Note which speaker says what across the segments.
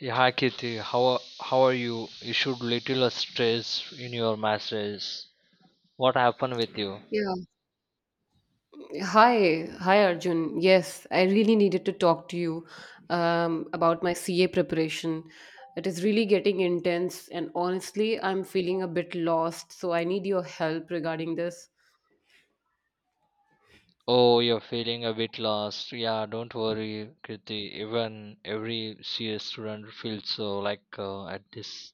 Speaker 1: Yeah, hi Kirti. How are you? You should little stress in your messages. What happened with you?
Speaker 2: Yeah. Hi. Hi, Arjun. Yes, I really needed to talk to you about my CA preparation. It is really getting intense, and honestly, I'm feeling a bit lost, so I need your help regarding this.
Speaker 1: Oh, you're feeling a bit lost. Yeah, don't worry, Kirti. Even every CS student feels so like at this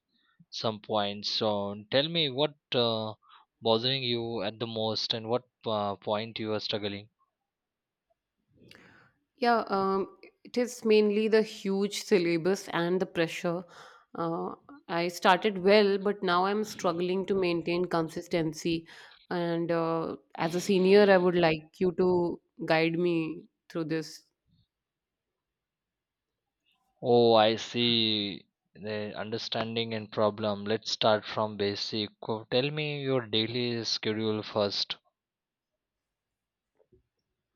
Speaker 1: some point. So tell me what bothering you at the most and what point you are struggling.
Speaker 2: Yeah, um, it is mainly the huge syllabus and the pressure. Uh, I started well, but now I'm struggling to maintain consistency. And as a senior, I would like you to guide me through this.
Speaker 1: Oh, I see. The understanding and problem. Let's start from basic. Tell me your daily schedule first.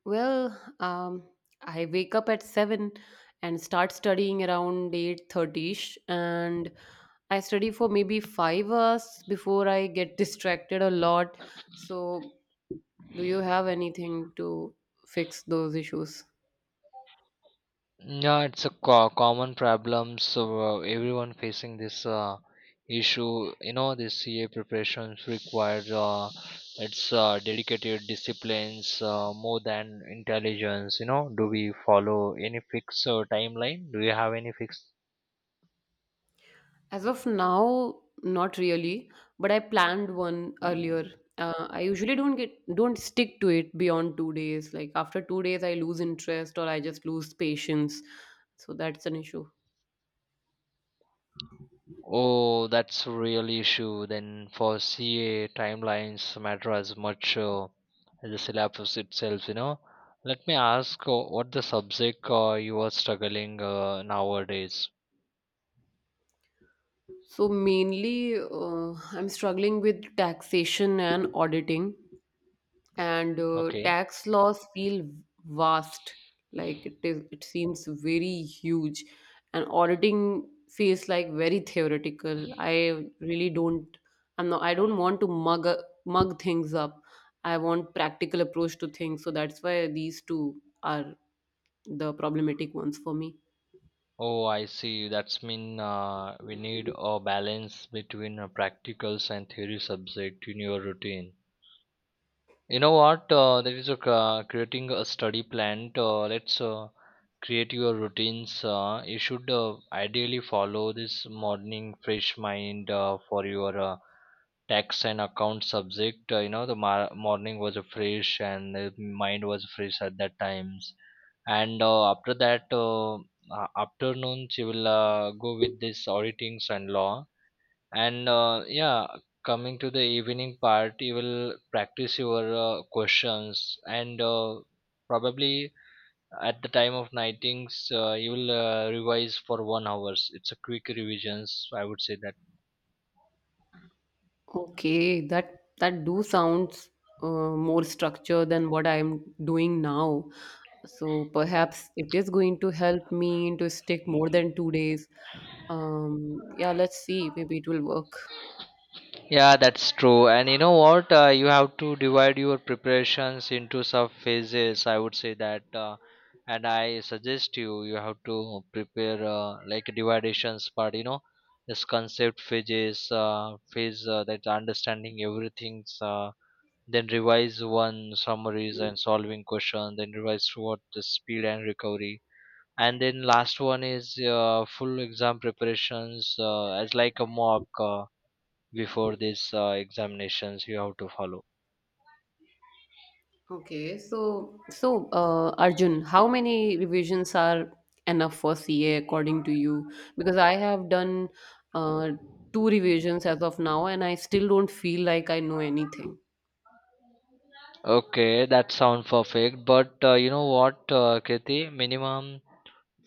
Speaker 2: Well, um, I wake up at 7 and start studying around 8:30ish, and I study for maybe 5 hours before I get distracted a lot. So do you have anything to fix those issues?
Speaker 1: Yeah, it's a common problem. So everyone facing this issue, you know, this CA preparations requires it's dedicated disciplines more than intelligence. You know, do we follow any fixed timeline? Do you have any fixed.
Speaker 2: As of now, not really, but I planned one earlier. I usually don't stick to it beyond 2 days. Like after 2 days, I lose interest or I just lose patience. So that's an issue.
Speaker 1: Oh, that's a real issue. Then for CA timelines matter as much as the syllabus itself, you know. Let me ask what the subject you are struggling nowadays.
Speaker 2: So mainly, I'm struggling with taxation and auditing, and
Speaker 1: Okay.
Speaker 2: tax laws feel vast. Like it seems very huge, and auditing feels like very theoretical. I really don't. I'm not. I don't want to mug things up. I want practical approach to things. So that's why these two are the problematic ones for me.
Speaker 1: Oh, I see. That's mean we need a balance between practicals and theory subject in your routine. You know what? There is a creating a study plan. Let's create your routines. You should ideally follow this morning fresh mind for your tax and account subject. You know, the morning was fresh and the mind was fresh at that times. And after that, afternoons you will go with this auditings and law, and yeah, coming to the evening part, you will practice your questions, and probably at the time of nightings, you will revise for 1 hours. It's a quick revisions, I would say that.
Speaker 2: Okay, that do sounds more structured than what I'm doing now. So perhaps it is going to help me to stick more than 2 days. Yeah, let's see. Maybe it will work.
Speaker 1: Yeah, that's true. And you know what? You have to divide your preparations into sub phases. I would say that, and I suggest you have to prepare like dividations part. You know, this concept phases, phase that understanding everything's. Then revise one summaries and solving question. Then revise what the speed and recovery. And then last one is full exam preparations as like a mock. Before these examinations you have to follow.
Speaker 2: Okay, so Arjun, how many revisions are enough for CA according to you? Because I have done uh, 2 revisions as of now, and I still don't feel like I know anything.
Speaker 1: Okay, that sounds perfect. But you know what, Kriti? Minimum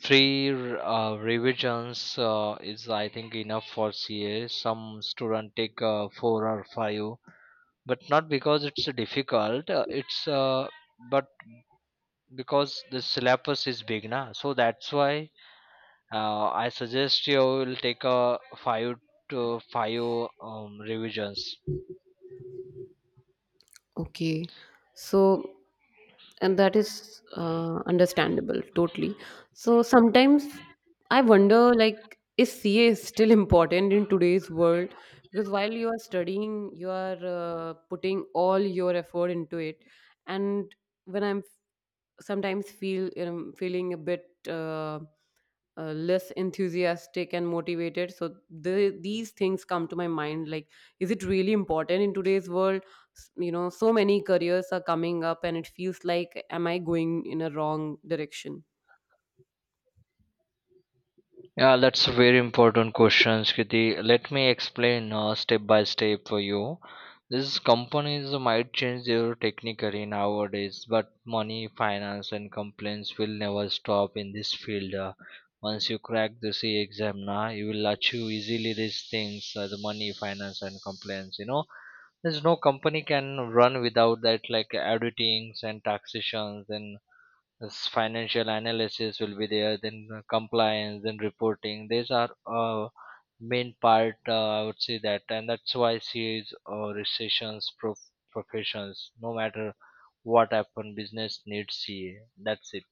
Speaker 1: revisions is, I think, enough for CA. Some student take four or five, but not because it's difficult. It's but because the syllabus is big, na. So that's why I suggest you will take a five to five revisions.
Speaker 2: Okay. So, and that is understandable totally. So sometimes I wonder, like, is CA still important in today's world? Because while you are studying, you are putting all your effort into it. And when I'm f- sometimes feel feeling a bit less enthusiastic and motivated, so these things come to my mind, like, is it really important in today's world? You know, so many careers are coming up, and it feels like am I going in a wrong direction?
Speaker 1: Yeah, that's a very important question, Kriti. Let me explain step by step for you. These companies might change their technically nowadays, but money, finance, and complaints will never stop in this field. Once you crack the C exam, now you will achieve easily these things: the money, finance, and complaints. You know, there's no company can run without that, like auditings and taxations, and this financial analysis will be there, then compliance then reporting, these are uh, main part, I would say that, and that's why CAs or recessions professions, no matter what happen, business needs ca, that's it.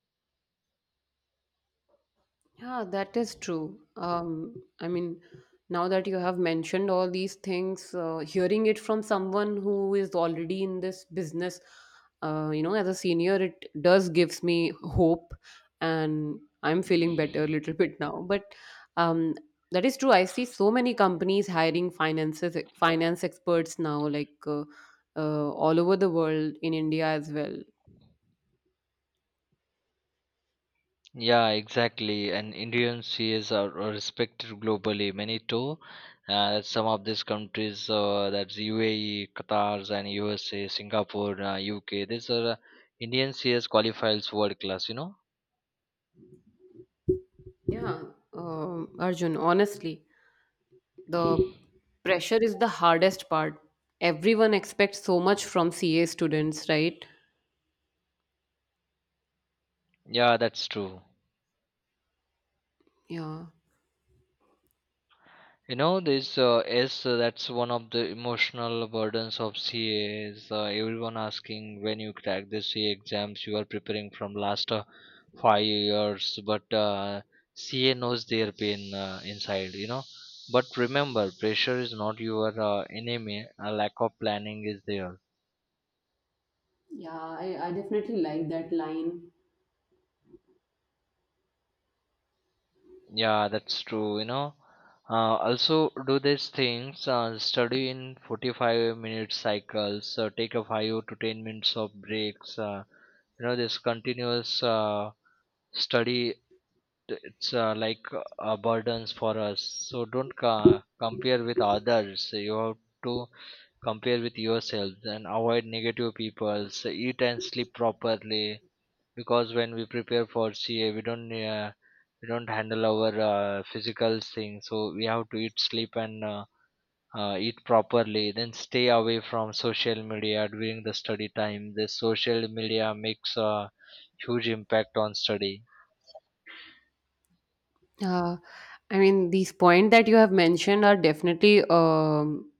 Speaker 2: Yeah, that is true. I mean, now that you have mentioned all these things, hearing it from someone who is already in this business, you know, as a senior, it does gives me hope, and I'm feeling better a little bit now. But um, that is true. I see so many companies hiring finance experts now, like all over the world, in India as well.
Speaker 1: Yeah, exactly. And Indian CAs are respected globally. Many too. Some of these countries, that's UAE, Qatar, and USA, Singapore, UK. These are Indian CAs qualifies world class. You know.
Speaker 2: Yeah, Arjun, honestly. The pressure is the hardest part. Everyone expects so much from CA students, right?
Speaker 1: Yeah, that's true.
Speaker 2: Yeah.
Speaker 1: You know, this is that's one of the emotional burdens of CA is everyone asking when you crack the CA exams, you are preparing from last 5 years, but CA knows their pain inside, you know. But remember, pressure is not your enemy. A lack of planning is there.
Speaker 2: Yeah, I definitely like that line.
Speaker 1: Yeah, that's true. You know, uh, also do these things. Study in 45 minute cycles. Take a 5 to 10 minutes of breaks. You know, this continuous study. It's like burdens for us. So don't compare with others. You have to compare with yourself and avoid negative people. So eat and sleep properly because when we prepare for CA, we don't handle our physical things. So we have to eat, sleep, and eat properly. Then stay away from social media during the study time. The social media makes a huge impact on study.
Speaker 2: Uh, I mean, these points that you have mentioned are definitely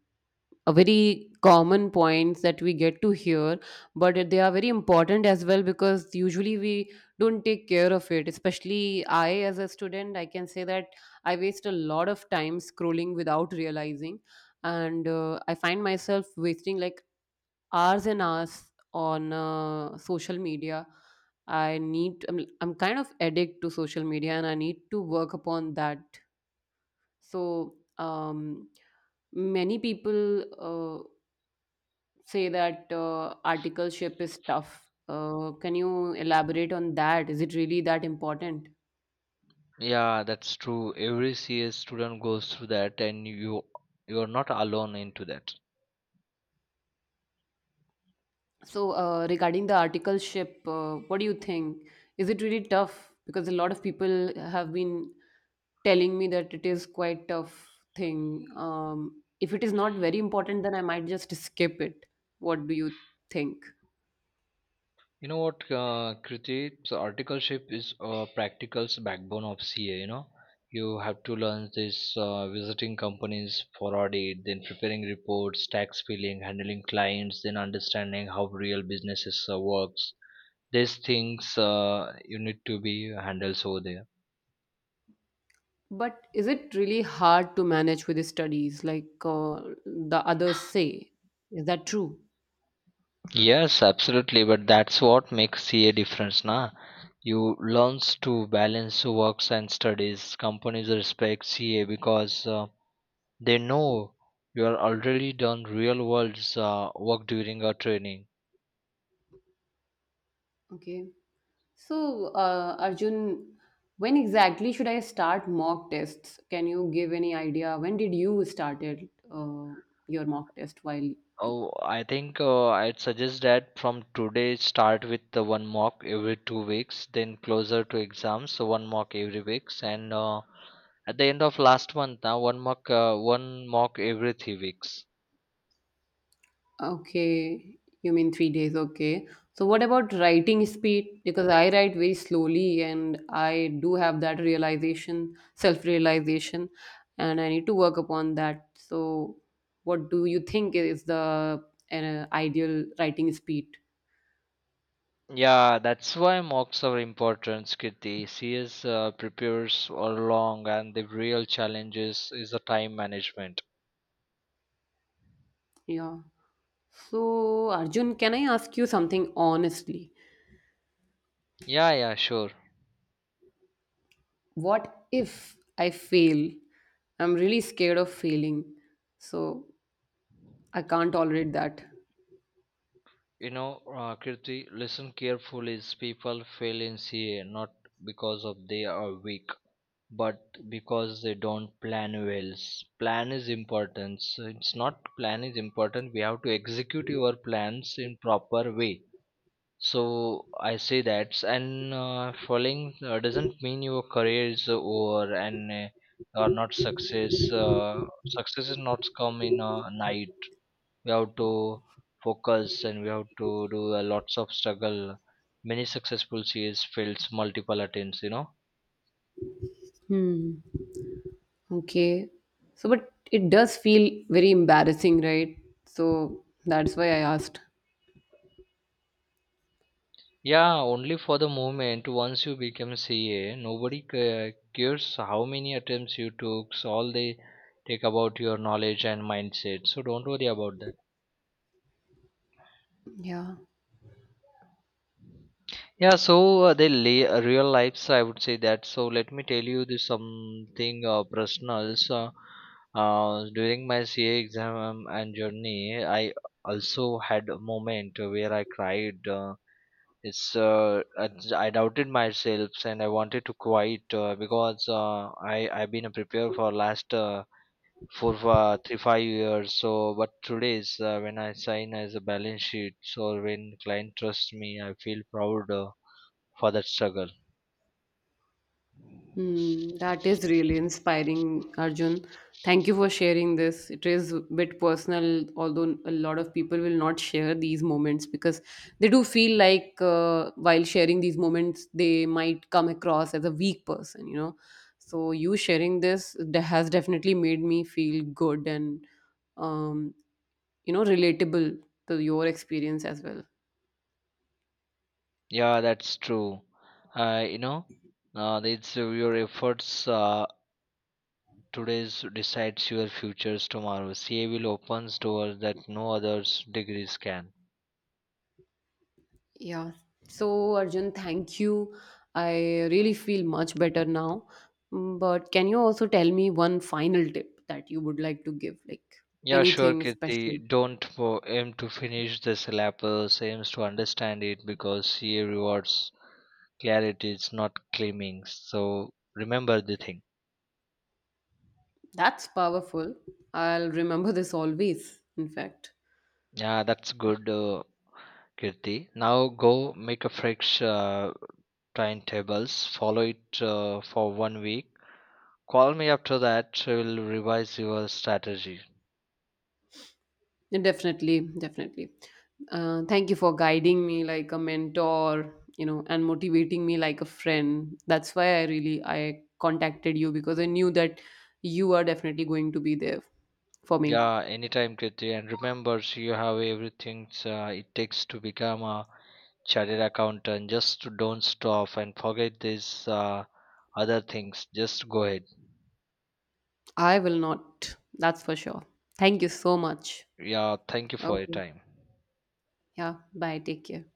Speaker 2: a very common points that we get to hear, but they are very important as well, because usually we don't take care of it. Especially I, as a student, I can say that I waste a lot of time scrolling without realizing, and I find myself wasting like hours and hours on social media. I'm kind of addict to social media, and I need to work upon that. So, many people say that articleship is tough. Can you elaborate on that? Is it really that important?
Speaker 1: Yeah, that's true. Every CA student goes through that, and you are not alone into that.
Speaker 2: So, regarding the articleship, what do you think? Is it really tough? Because a lot of people have been telling me that it is quite tough thing. If it is not very important, then I might just skip it. What do you think?
Speaker 1: You know what, Kriti? So articleship is a practical backbone of CA. You know, you have to learn this visiting companies for audit, then preparing reports, tax filing, handling clients, then understanding how real businesses works. These things you need to be handled over there.
Speaker 2: But is it really hard to manage with the studies, like the others say? Is that true?
Speaker 1: Yes, absolutely. But that's what makes CA difference, na? You learns to balance works and studies. Companies respect CA because. They know you're already done real world's work during a training.
Speaker 2: Okay. So, Arjun, when exactly should I start mock tests? Can you give any idea? When did you started your mock test? While
Speaker 1: Oh, I think I'd suggest that from today start with the one mock every 2 weeks, then closer to exams, so one mock every weeks, and at the end of last month, now one mock every 3 weeks.
Speaker 2: okay, you mean 3 days? Okay. So, what about writing speed? Because I write very slowly, and I do have that realization, self-realization, and I need to work upon that. So, what do you think is the ideal writing speed?
Speaker 1: Yeah, that's why mocks are important, Kirti. CS prepares for long, and the real challenges is the time management.
Speaker 2: Yeah. So, Arjun, can I ask you something honestly?
Speaker 1: Yeah, yeah, sure.
Speaker 2: What if I fail? I'm really scared of failing. So, I can't tolerate that.
Speaker 1: You know, Kirti, listen carefully. People fail in CA not because of they are weak, but because they don't plan well. Plan is important. So it's not plan is important. We have to execute your plans in proper way. So I say that, and following doesn't mean your career is over and are not success. Success is not come in a night, we have to focus and we have to do a lots of struggle. Many successful CAs fails multiple attempts, you know.
Speaker 2: Hmm. Okay. So, but it does feel very embarrassing, right? So, that's why I asked.
Speaker 1: Yeah, only for the moment, once you become CA, nobody cares how many attempts you took, so all they take about your knowledge and mindset, so don't worry about that.
Speaker 2: Yeah.
Speaker 1: Yeah, so real lives, I would say that. So let me tell you this something personal. So during my CA exam and journey, I also had a moment where I cried. It's uh, I, I doubted myself and I wanted to quit because I've been a preparer for last four 3 5 years. So but today's, when I sign as a balance sheet, so when client trusts me, I feel proud. For that struggle.
Speaker 2: Hmm, that is really inspiring, Arjun. Thank you for sharing this. It is a bit personal, although a lot of people will not share these moments because they do feel like while sharing these moments, they might come across as a weak person, you know. So, you has definitely made me feel good and, um, you know, relatable to your experience as well.
Speaker 1: Yeah, that's true. You know, it's your efforts, today's decides your futures tomorrow. CA will opens doors that no others degrees can.
Speaker 2: Yeah. So, Arjun, thank you. I really feel much better now. Mm, but can you also tell me one final tip that you would like to give? Like,
Speaker 1: Yeah, sure,
Speaker 2: anything
Speaker 1: Kirti.
Speaker 2: special?
Speaker 1: Don't aim to finish the syllabus. Aims to understand it because CA rewards clarity. It's not claiming. So remember the thing.
Speaker 2: That's powerful. I'll remember this always, in fact.
Speaker 1: Yeah, that's good, Kirti. Now go make a fresh timetables, follow it for 1 week. Call me after that, we'll revise your strategy.
Speaker 2: Definitely, definitely. Thank you for guiding me like a mentor, you know, and motivating me like a friend. That's why I really I contacted you, because I knew that you are definitely going to be there for me.
Speaker 1: Yeah, anytime, Kriti. And remember, you have everything it takes to become a chartered accountant. Just don't stop and forget these other things. Just go ahead.
Speaker 2: I will not. That's for sure. Thank you so much.
Speaker 1: Yeah, thank you for your
Speaker 2: Okay.
Speaker 1: time.
Speaker 2: Yeah. Bye. Take care.